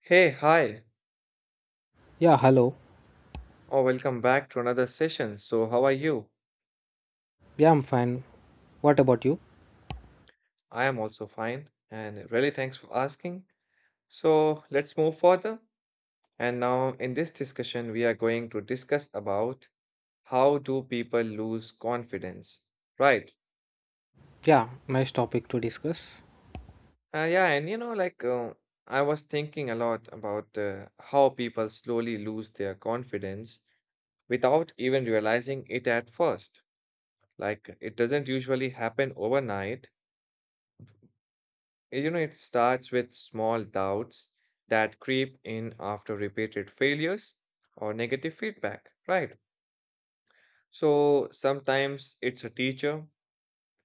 Hey, hi, Yeah, hello. or welcome back to another session. So, how are you? Yeah, I'm fine. What about you? I am also fine, and really thanks for asking. So, let's move further. And now, in this discussion, we are going to discuss about how do people lose confidence, right? Yeah, nice topic to discuss. Yeah, and you know, I was thinking a lot about how people slowly lose their confidence without even realizing it at first. Like, it doesn't usually happen overnight. You know, it starts with small doubts that creep in after repeated failures or negative feedback, right? So sometimes it's a teacher,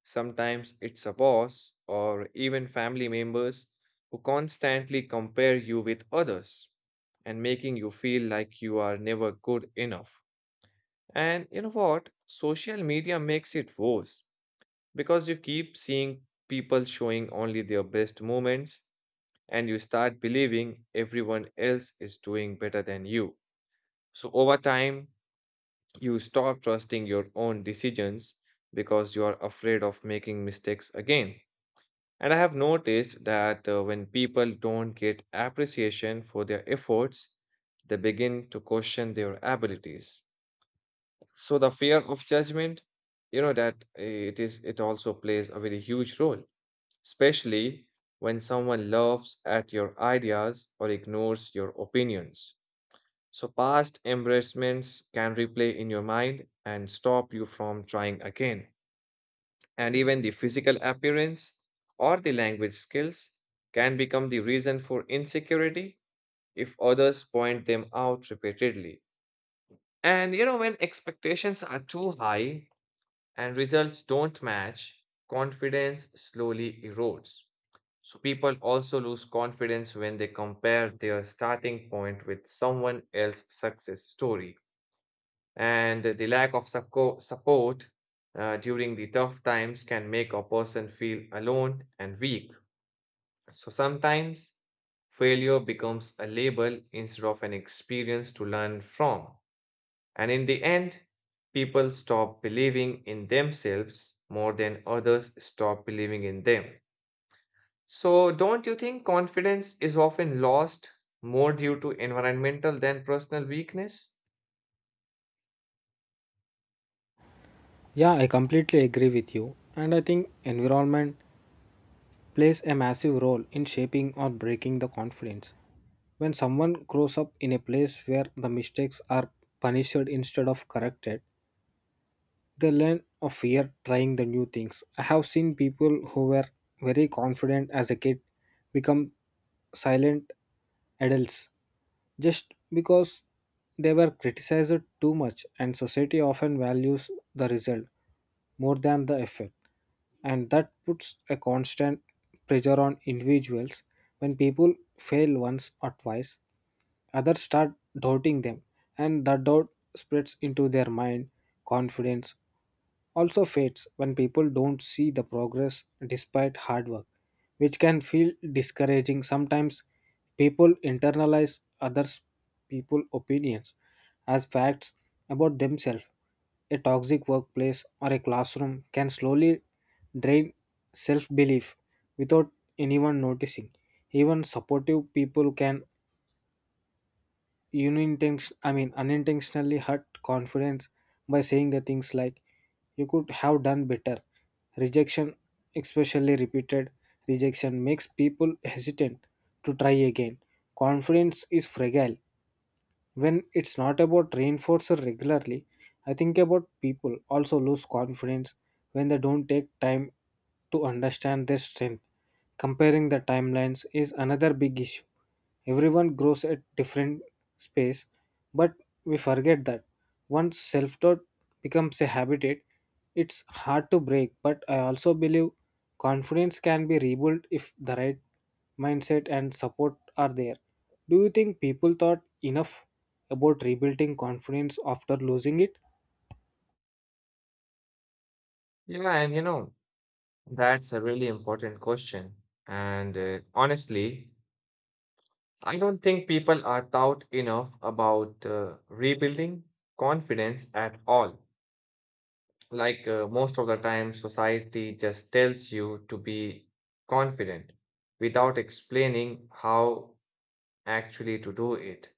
sometimes it's a boss, or even family members who constantly compare you with others and making you feel like you are never good enough. And you know what? Social media makes it worse because you keep seeing people showing only their best moments, and you start believing everyone else is doing better than you. So over time, you stop trusting your own decisions because you are afraid of making mistakes again. And I have noticed that when people don't get appreciation for their efforts, they begin to question their abilities. So the fear of judgment, you know, that it also plays a very huge role, especially when someone laughs at your ideas or ignores your opinions. So, past embarrassments can replay in your mind and stop you from trying again. And even the physical appearance or the language skills can become the reason for insecurity if others point them out repeatedly. And you know, when expectations are too high and results don't match, confidence slowly erodes. So people also lose confidence when they compare their starting point with someone else's success story. And the lack of support during the tough times can make a person feel alone and weak. So sometimes failure becomes a label instead of an experience to learn from. And in the end, people stop believing in themselves more than others stop believing in them. So, don't you think confidence is often lost more due to environmental than personal weakness? Yeah, I completely agree with you. And I think environment plays a massive role in shaping or breaking the confidence. When someone grows up in a place where the mistakes are punished instead of corrected, they learn of fear trying the new things. I have seen people who were very confident as a kid become silent adults just because they were criticized too much, and society often values the result more than the effort and that puts a constant pressure on individuals when people fail once or twice others start doubting them and that doubt spreads into their mind. Confidence also fades when people don't see the progress despite hard work, which can feel discouraging sometimes. People internalize others people opinions as facts about themselves. A toxic workplace or a classroom can slowly drain self belief without anyone noticing. Even supportive people can unintentionally hurt confidence by saying the things like you could have done better. Rejection, especially repeated rejection, makes people hesitant to try again. Confidence is fragile when it's not about reinforcer regularly. I think about people also lose confidence when they don't take time to understand their strength. Comparing the timelines is another big issue. Everyone grows at different space, but we forget that once self-doubt becomes a habitat, it's hard to break. But I also believe confidence can be rebuilt if the right mindset and support are there. Do you think people thought enough about rebuilding confidence after losing it? Yeah, and you know, that's a really important question. And honestly, I don't think people are taught enough about rebuilding confidence at all. Most of the time, society just tells you to be confident without explaining how actually to do it.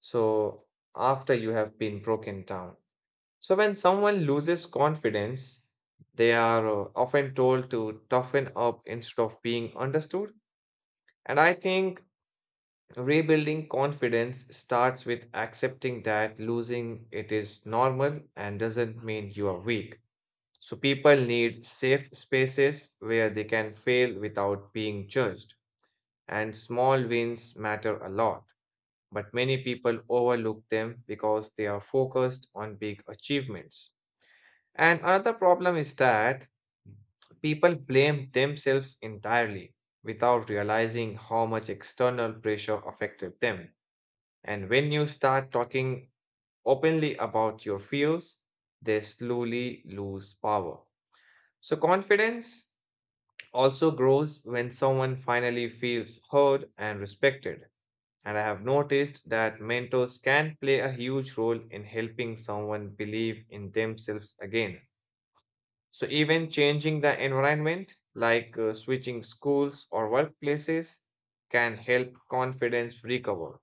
So, after you have been broken down. So, when someone loses confidence, they are often told to toughen up instead of being understood. And I think rebuilding confidence starts with accepting that losing it is normal and doesn't mean you are weak. So, people need safe spaces where they can fail without being judged, and small wins matter a lot, but many people overlook them because they are focused on big achievements. And another problem is that people blame themselves entirely without realizing how much external pressure affected them. And when you start talking openly about your fears, they slowly lose power. So, confidence also grows when someone finally feels heard and respected. And I have noticed that mentors can play a huge role in helping someone believe in themselves again. So, even changing the environment, switching schools or workplaces, can help confidence recover.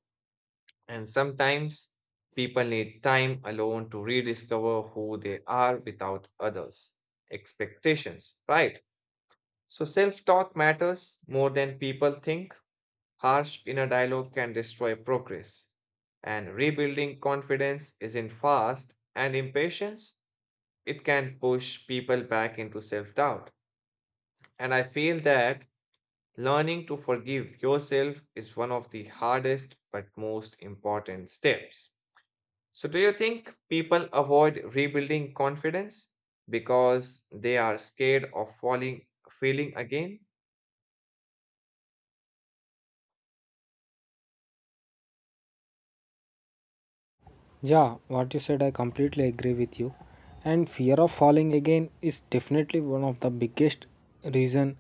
And sometimes people need time alone to rediscover who they are without others' expectations, right? So, self talk matters more than people think. Harsh inner dialogue can destroy progress, and rebuilding confidence isn't fast, and impatience, it can push people back into self-doubt. And I feel that learning to forgive yourself is one of the hardest but most important steps. So, do you think people avoid rebuilding confidence because they are scared of failing again? Yeah, what you said, I completely agree with you. And fear of falling again is definitely one of the biggest reason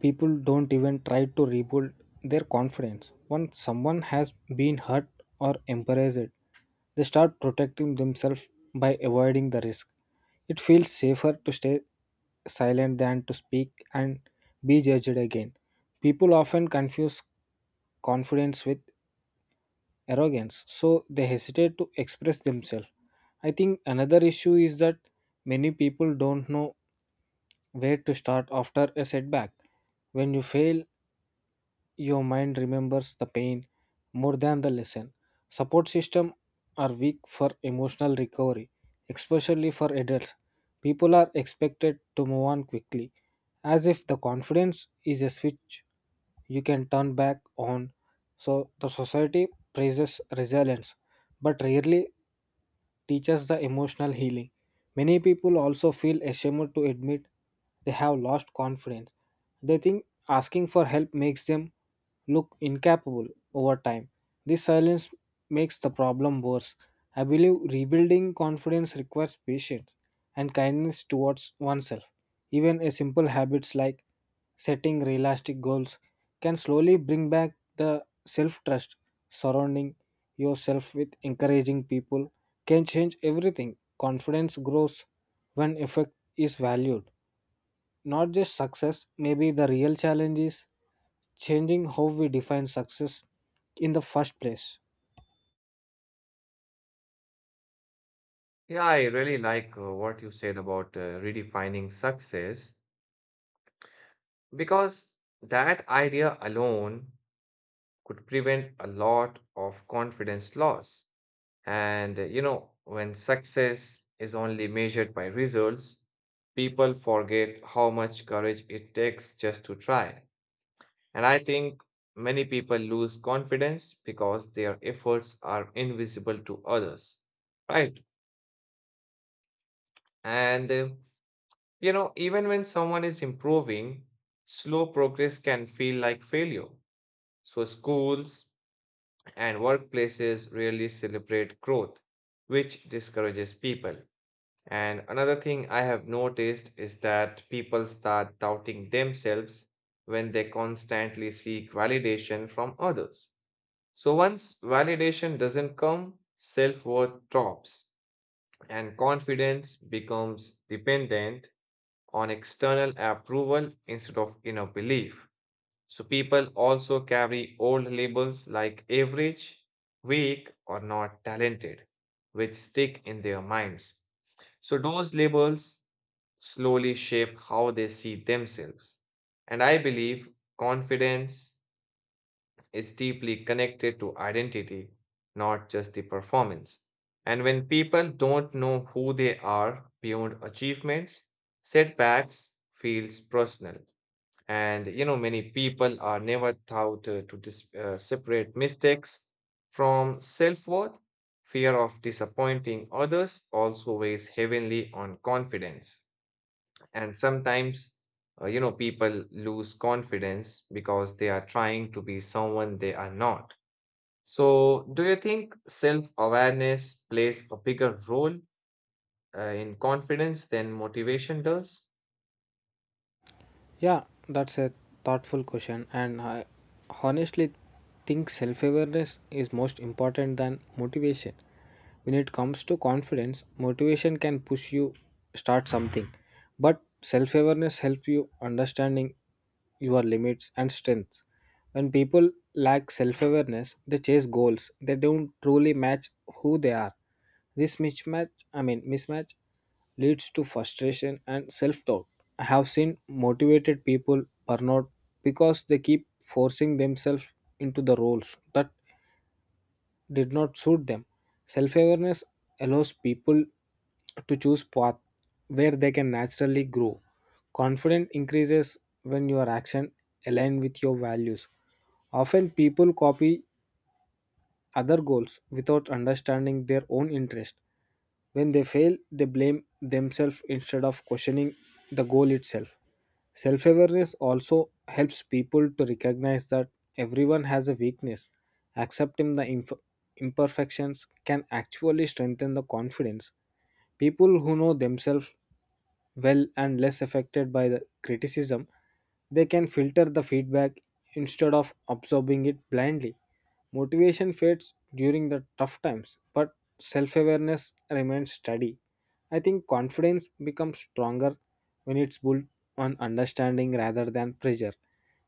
people don't even try to rebuild their confidence. Once someone has been hurt or embarrassed, they start protecting themselves by avoiding the risk. It feels safer to stay silent than to speak and be judged again. People often confuse confidence with arrogance, so they hesitate to express themselves. I think another issue is that many people don't know where to start after a setback. When you fail, your mind remembers the pain more than the lesson. Support systems are weak for emotional recovery, especially for adults. People are expected to move on quickly, as if the confidence is a switch you can turn back on. So the society praises resilience, but rarely teaches the emotional healing. Many people also feel ashamed to admit they have lost confidence. They think asking for help makes them look incapable over time. This silence makes the problem worse. I believe rebuilding confidence requires patience and kindness towards oneself. Even a simple habits like setting realistic goals can slowly bring back the self trust. Surrounding yourself with encouraging people can change everything. Confidence grows when effect is valued, not just success. Maybe the real challenge is changing how we define success in the first place. Yeah, I really like what you said about redefining success. Because that idea alone could prevent a lot of confidence loss. And you know, when success is only measured by results, people forget how much courage it takes just to try. And I think many people lose confidence because their efforts are invisible to others, right? And you know, even when someone is improving, slow progress can feel like failure. So, schools and workplaces rarely celebrate growth, which discourages people. And another thing I have noticed is that people start doubting themselves when they constantly seek validation from others. So once validation doesn't come, self worth drops and confidence becomes dependent on external approval instead of inner belief. So people also carry old labels like average, weak, or not talented, which stick in their minds. So those labels slowly shape how they see themselves. And I believe confidence is deeply connected to identity, not just the performance. And when people don't know who they are beyond achievements, setbacks feels personal. And you know, many people are never taught to dis separate mistakes from self-worth. Fear of disappointing others also weighs heavily on confidence. And sometimes, you know, people lose confidence because they are trying to be someone they are not. So, do you think self-awareness plays a bigger role in confidence than motivation does? Yeah, that's a thoughtful question, and I honestly think self awareness is most important than motivation. When it comes to confidence, motivation can push you start something, but self awareness helps you understanding your limits and strengths. When people lack self awareness, they chase goals they don't truly match who they are. This mismatch, I mean mismatch, leads to frustration and self-doubt. I have seen motivated people burn out because they keep forcing themselves into the roles that did not suit them. Self-awareness allows people to choose path where they can naturally grow. Confidence increases when your action align with your values. Often people copy other goals without understanding their own interest. When they fail, they blame themselves instead of questioning the goal itself. Self awareness also helps people to recognize that everyone has a weakness. Accepting the imperfections can actually strengthen the confidence. People who know themselves well and less affected by the criticism, they can filter the feedback instead of absorbing it blindly. Motivation fades during the tough times, but self awareness remains steady. I think confidence becomes stronger when it's built on understanding rather than pressure.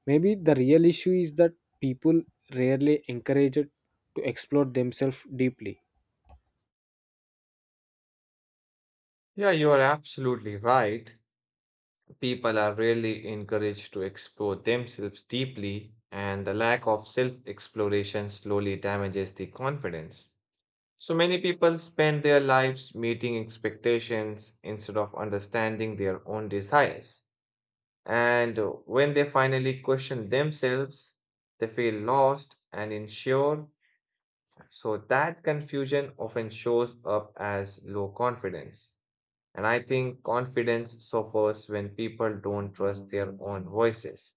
Maybe the real issue is that people rarely encourage it to explore themselves deeply. Yeah, you are absolutely right. People are rarely encouraged to explore themselves deeply, and the lack of self exploration slowly damages the confidence. So many people spend their lives meeting expectations instead of understanding their own desires. And when they finally question themselves, they feel lost and unsure. So that confusion often shows up as low confidence. And I think confidence suffers when people don't trust their own voices.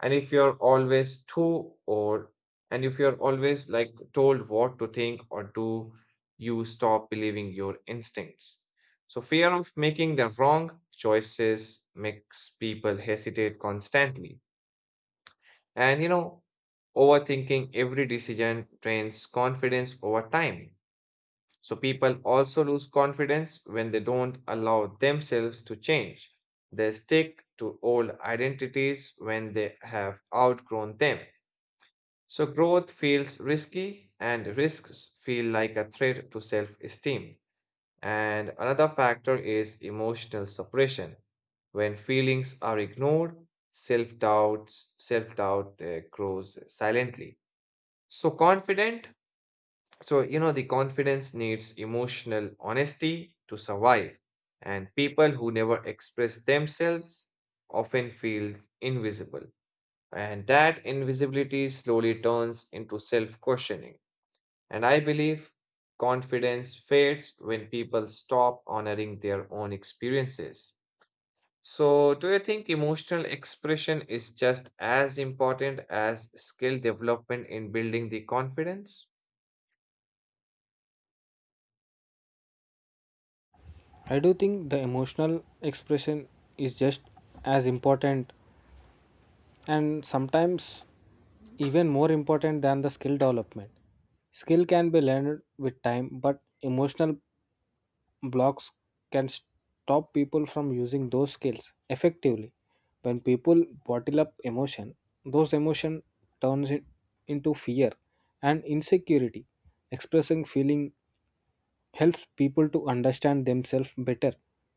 And if you're always too or and if you're always like told what to think or do, you stop believing your instincts. So fear of making the wrong choices makes people hesitate constantly. And you know, overthinking every decision drains confidence over time. So people also lose confidence when they don't allow themselves to change. They stick to old identities when they have outgrown them. So growth feels risky and risks feel like a threat to self-esteem. And another factor is emotional suppression. When feelings are ignored, self-doubt grows silently. So confident you know, the confidence needs emotional honesty to survive, and people who never express themselves often feel invisible. And that invisibility slowly turns into self questioning. And I believe confidence fades when people stop honoring their own experiences. So, do you think emotional expression is just as important as skill development in building the confidence? I do think the emotional expression is just as important and sometimes even more important than the skill development. Skill can be learned with time, but emotional blocks can stop people from using those skills effectively. When people bottle up emotion, those emotion turns it into fear and insecurity. Expressing feeling helps people to understand themselves better.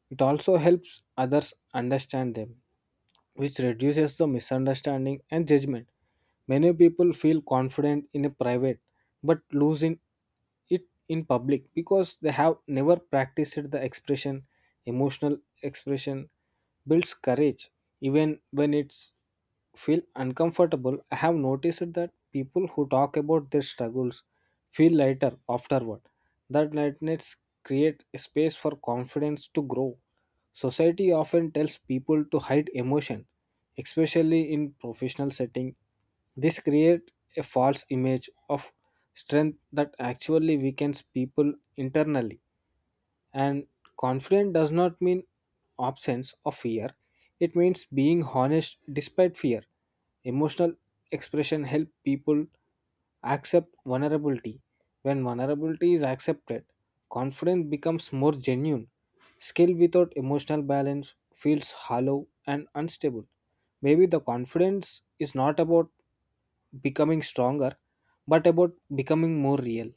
It also helps others understand them, which reduces the misunderstanding and judgment. Many people feel confident in a private but lose in it in public because they have never practiced the expression. Emotional expression builds courage even when it's feel uncomfortable. I have noticed that people who talk about their struggles feel lighter afterward. That lightness create a space for confidence to grow. Society often tells people to hide emotion, especially in professional setting. This create a false image of strength that actually weakens people internally. And confident does not mean absence of fear, it means being honest despite fear. Emotional expression help people accept vulnerability. When vulnerability is accepted, confidence becomes more genuine. Skill without emotional balance feels hollow and unstable. Maybe the confidence is not about becoming stronger, but about becoming more real.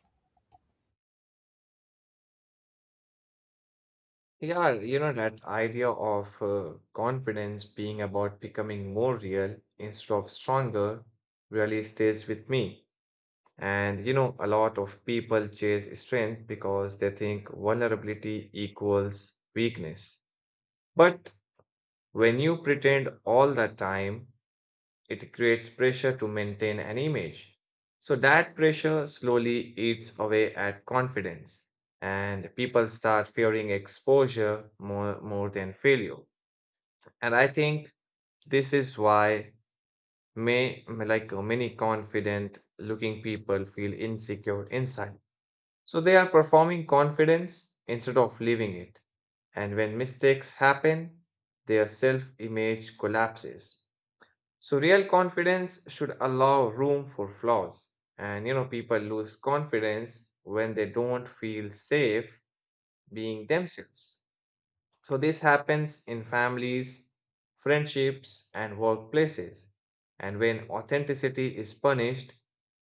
Yeah, you know, that idea of confidence being about becoming more real instead of stronger really stays with me. And you know, a lot of people chase strength because they think vulnerability equals weakness. But when you pretend all the time, it creates pressure to maintain an image. So that pressure slowly eats away at confidence, and people start fearing exposure more than failure. And I think this is why may like many confident looking people feel insecure inside. So they are performing confidence instead of living it. And when mistakes happen, their self image collapses. So real confidence should allow room for flaws. And you know, people lose confidence when they don't feel safe being themselves. So this happens in families, friendships, and workplaces. And when authenticity is punished,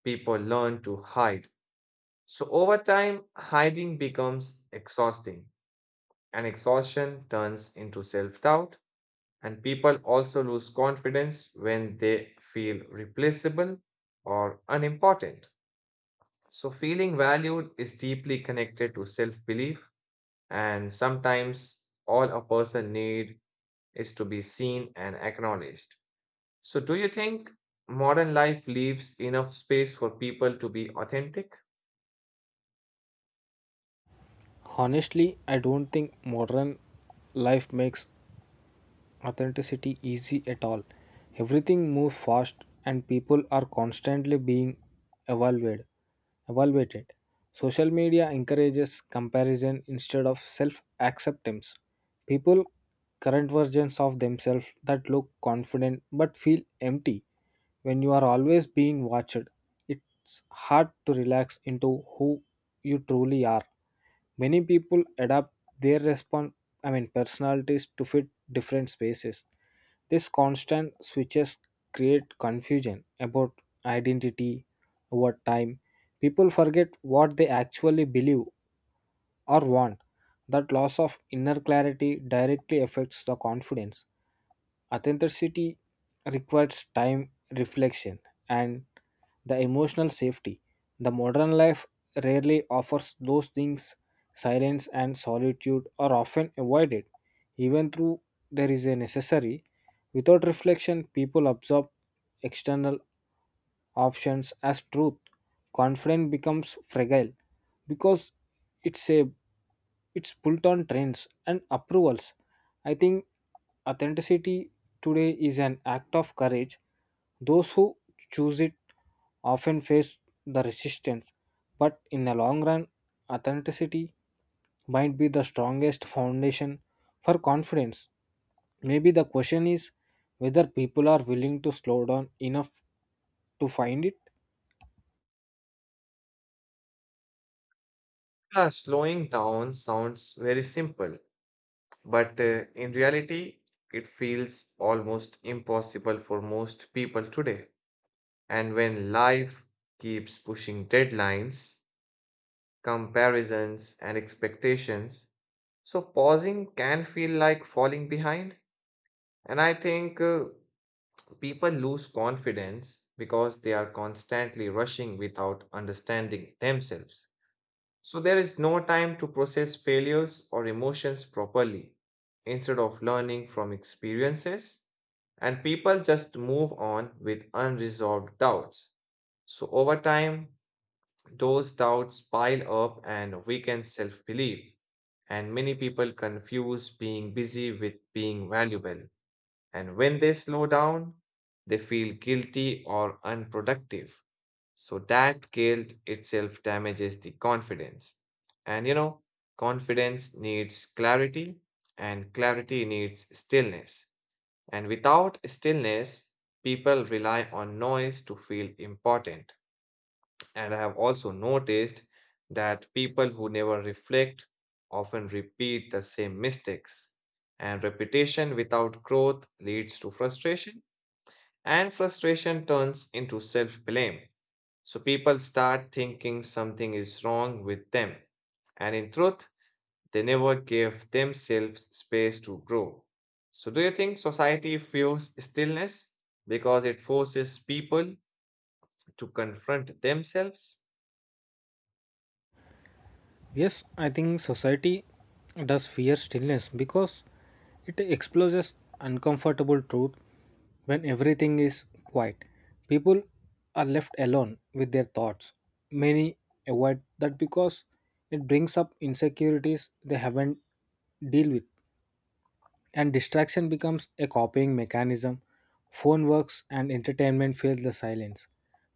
people learn to hide. So over time, hiding becomes exhausting, and exhaustion turns into self doubt, and people also lose confidence when they feel replaceable or unimportant. So, feeling valued is deeply connected to self belief, and sometimes all a person need is to be seen and acknowledged. So, do you think modern life leaves enough space for people to be authentic? Honestly, I don't think modern life makes authenticity easy at all. Everything moves fast and people are constantly being evaluated evaluated. Social media encourages comparison instead of self acceptance. People current versions of themselves that look confident but feel empty. When you are always being watched, it's hard to relax into who you truly are. Many people adapt their response, I mean, personalities to fit different spaces. This constant switches create confusion about identity over time. People forget what they actually believe or want. That loss of inner clarity directly affects the confidence. Authenticity requires time, reflection, and the emotional safety. The modern life rarely offers those things. Silence and solitude are often avoided, even though there is a necessary. Without reflection, people absorb external options as truth. Confidence becomes fragile because it's a it's built on trends and approvals. I think authenticity today is an act of courage. Those who choose it often face the resistance, but in the long run, authenticity might be the strongest foundation for confidence. Maybe the question is whether people are willing to slow down enough to find it. Yeah, slowing down sounds very simple, but in reality, it feels almost impossible for most people today. And when life keeps pushing deadlines, comparisons, and expectations, so pausing can feel like falling behind. And I think people lose confidence because they are constantly rushing without understanding themselves. So there is no time to process failures or emotions properly. Instead of learning from experiences, and people just move on with unresolved doubts. So over time, those doubts pile up and weaken self belief. And many people confuse being busy with being valuable. And when they slow down, they feel guilty or unproductive. So that guilt itself damages the confidence. And you know, confidence needs clarity, and clarity needs stillness. And without stillness, people rely on noise to feel important. And I have also noticed that people who never reflect often repeat the same mistakes. And repetition without growth leads to frustration, and frustration turns into self blame. So people start thinking something is wrong with them. And in truth, they never gave themselves space to grow. So, do you think society fears stillness because it forces people to confront themselves? Yes, I think society does fear stillness because it exposes uncomfortable truth when everything is quiet. People are left alone with their thoughts. Many avoid that because it brings up insecurities they haven't dealt with and distraction becomes a copying mechanism. Phone works and entertainment fills the silence.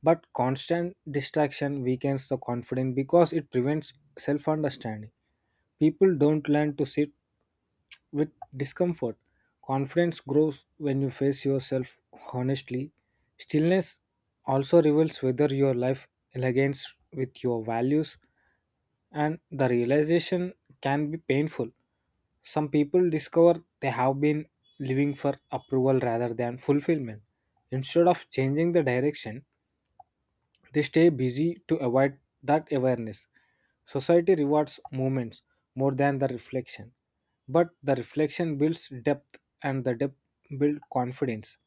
But constant distraction weakens the confidence because it prevents self understanding. People don't learn to sit with discomfort. Confidence grows when you face yourself honestly. Stillness also reveals whether your life aligns with your values, and the realization can be painful. Some people discover they have been living for approval rather than fulfillment. Instead of changing the direction, they stay busy to avoid that awareness. Society rewards movements more than the reflection, but the reflection builds depth and the depth builds confidence.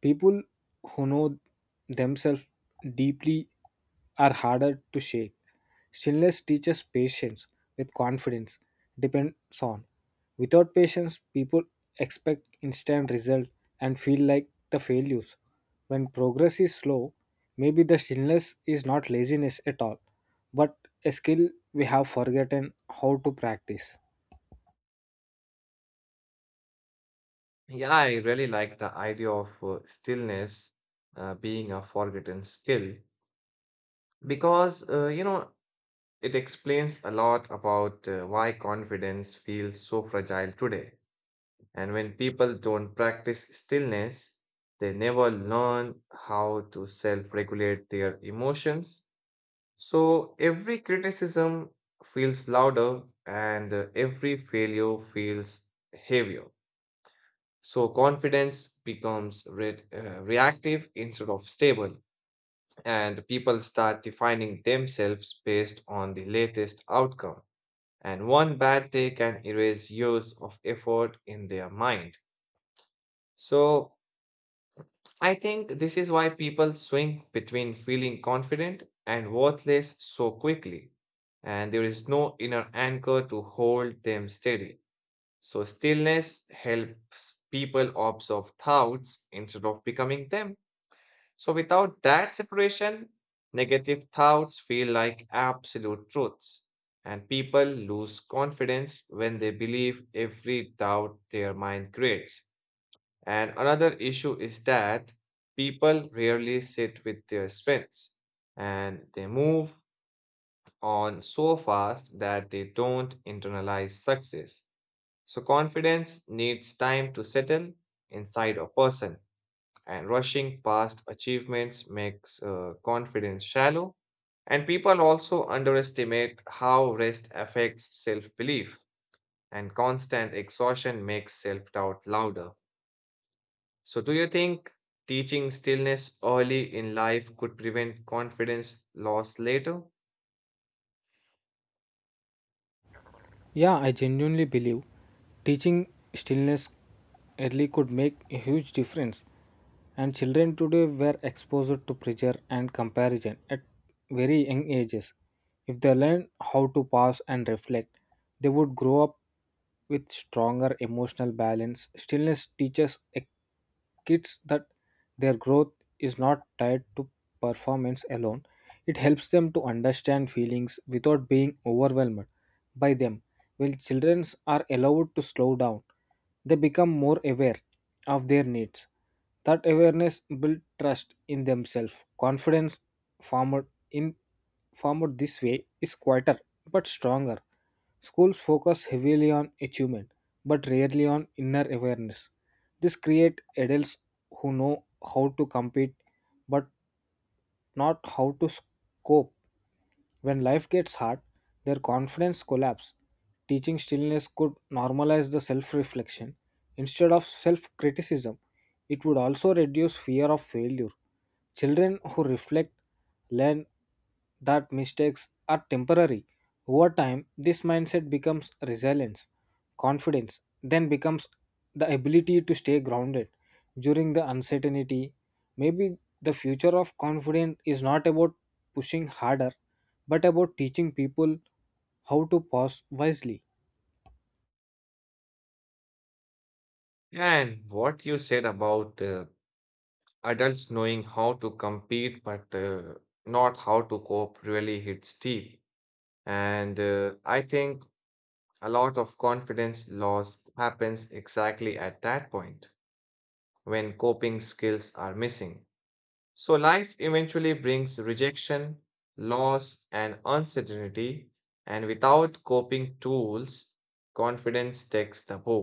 People who know themselves deeply are harder to shake. Stillness teaches patience with confidence depends on. Without patience, people expect instant result and feel like the failures. When progress is slow, maybe the stillness is not laziness at all, but a skill we have forgotten how to practice. Yeah, I really like the idea of stillness being a forgotten skill because, you know, it explains a lot about why confidence feels so fragile today. And when people don't practice stillness, they never learn how to self-regulate their emotions. So every criticism feels louder, and every failure feels heavier. So confidence becomes reactive instead of stable, and people start defining themselves based on the latest outcome. And one bad day can erase years of effort in their mind. So I think this is why people swing between feeling confident and worthless so quickly, and there is no inner anchor to hold them steady. So stillness helps people observe thoughts instead of becoming them. So, without that separation, negative thoughts feel like absolute truths, and people lose confidence when they believe every doubt their mind creates. And another issue is that people rarely sit with their strengths, and they move on so fast that they don't internalize success. So, confidence needs time to settle inside a person, and rushing past achievements makes confidence shallow, and people also underestimate how rest affects self-belief, and constant exhaustion makes self-doubt louder. So do you think teaching stillness early in life could prevent confidence loss later? Yeah, I genuinely believe teaching stillness early could make a huge difference. And children today were exposed to pressure and comparison at very young ages. If they learn how to pause and reflect, they would grow up with stronger emotional balance. Stillness teaches a kids that their growth is not tied to performance alone. It helps them to understand feelings without being overwhelmed by them. When children are allowed to slow down, they become more aware of their needs. That awareness builds trust in themselves. Confidence formed in formed this way is quieter but stronger. Schools focus heavily on achievement, but rarely on inner awareness. This creates adults who know how to compete but not how to cope. When life gets hard, their confidence collapses. Teaching stillness could normalize the self reflection instead of self criticism. It would also reduce fear of failure. Children who reflect learn that mistakes are temporary. Over time, this mindset becomes resilience. Confidence then becomes the ability to stay grounded during the uncertainty. Maybe the future of confidence is not about pushing harder, but about teaching people how to pause wisely. And what you said about adults knowing how to compete but not how to cope really hits deep, and I think a lot of confidence loss happens exactly at that point when coping skills are missing. So, life eventually brings rejection, loss, and uncertainty, and without coping tools, confidence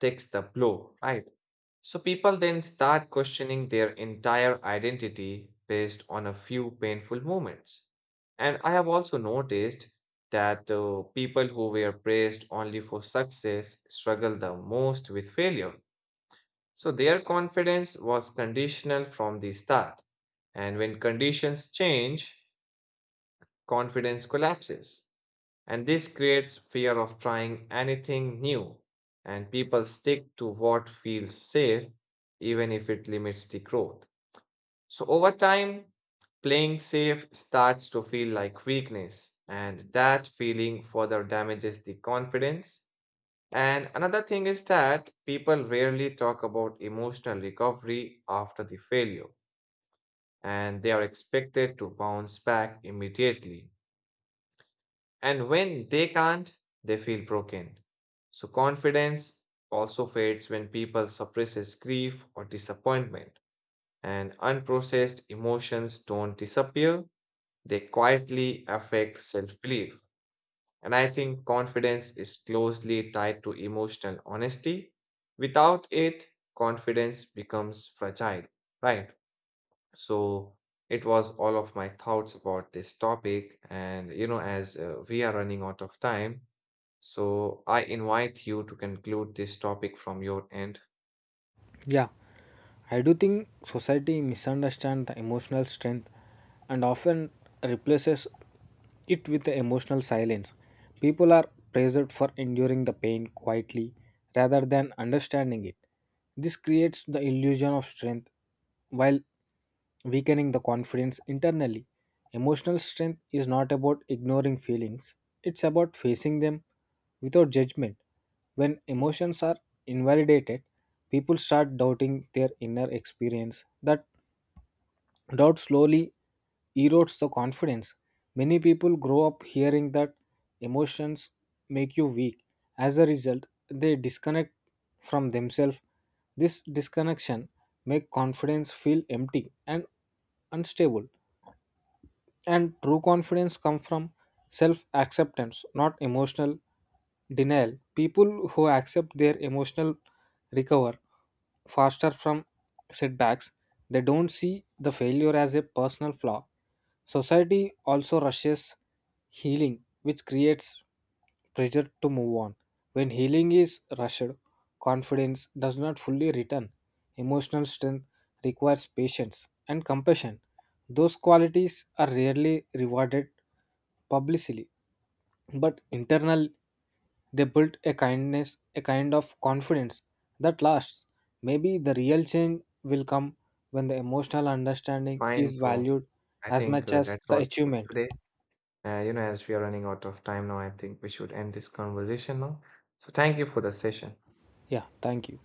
takes the blow, right? So people then start questioning their entire identity based on a few painful moments. And I have also noticed that people who were praised only for success struggle the most with failure. So their confidence was conditional from the start. And when conditions change, confidence collapses. And this creates fear of trying anything new, and people stick to what feels safe, even if it limits the growth. So, over time, playing safe starts to feel like weakness, and that feeling further damages the confidence. And another thing is that people rarely talk about emotional recovery after the failure, and they are expected to bounce back immediately. And when they can't, they feel broken. So confidence also fades when people suppresses grief or disappointment. And unprocessed emotions don't disappear, they quietly affect self-belief. And I think confidence is closely tied to emotional honesty. Without it, confidence becomes fragile, right? So it was all of my thoughts about this topic. And you know, as we are running out of time, so I invite you to conclude this topic from your end. Yeah, I do think society misunderstands the emotional strength and often replaces it with the emotional silence. People are praised for enduring the pain quietly rather than understanding it. This creates the illusion of strength while weakening the confidence internally. Emotional strength is not about ignoring feelings, it's about facing them without judgment. When emotions are invalidated, people start doubting their inner experience. That doubt slowly erodes the confidence. Many people grow up hearing that emotions make you weak. As a result, they disconnect from themselves. This disconnection make confidence feel empty and unstable. And true confidence comes from self-acceptance, not emotional denial. People who accept their emotional recover faster from setbacks, they don't see the failure as a personal flaw. Society also rushes healing, which creates pressure to move on. When healing is rushed, confidence does not fully return. Emotional strength requires patience and compassion. Those qualities are rarely rewarded publicly, but internal they build a kindness, a kind of confidence that lasts. Maybe the real change will come when the emotional understanding Fine, is bro. valued I as think much as that's the all for achievement. today. You know, as we are running out of time now, I think we should end this conversation now. So thank you for the session. Yeah, thank you.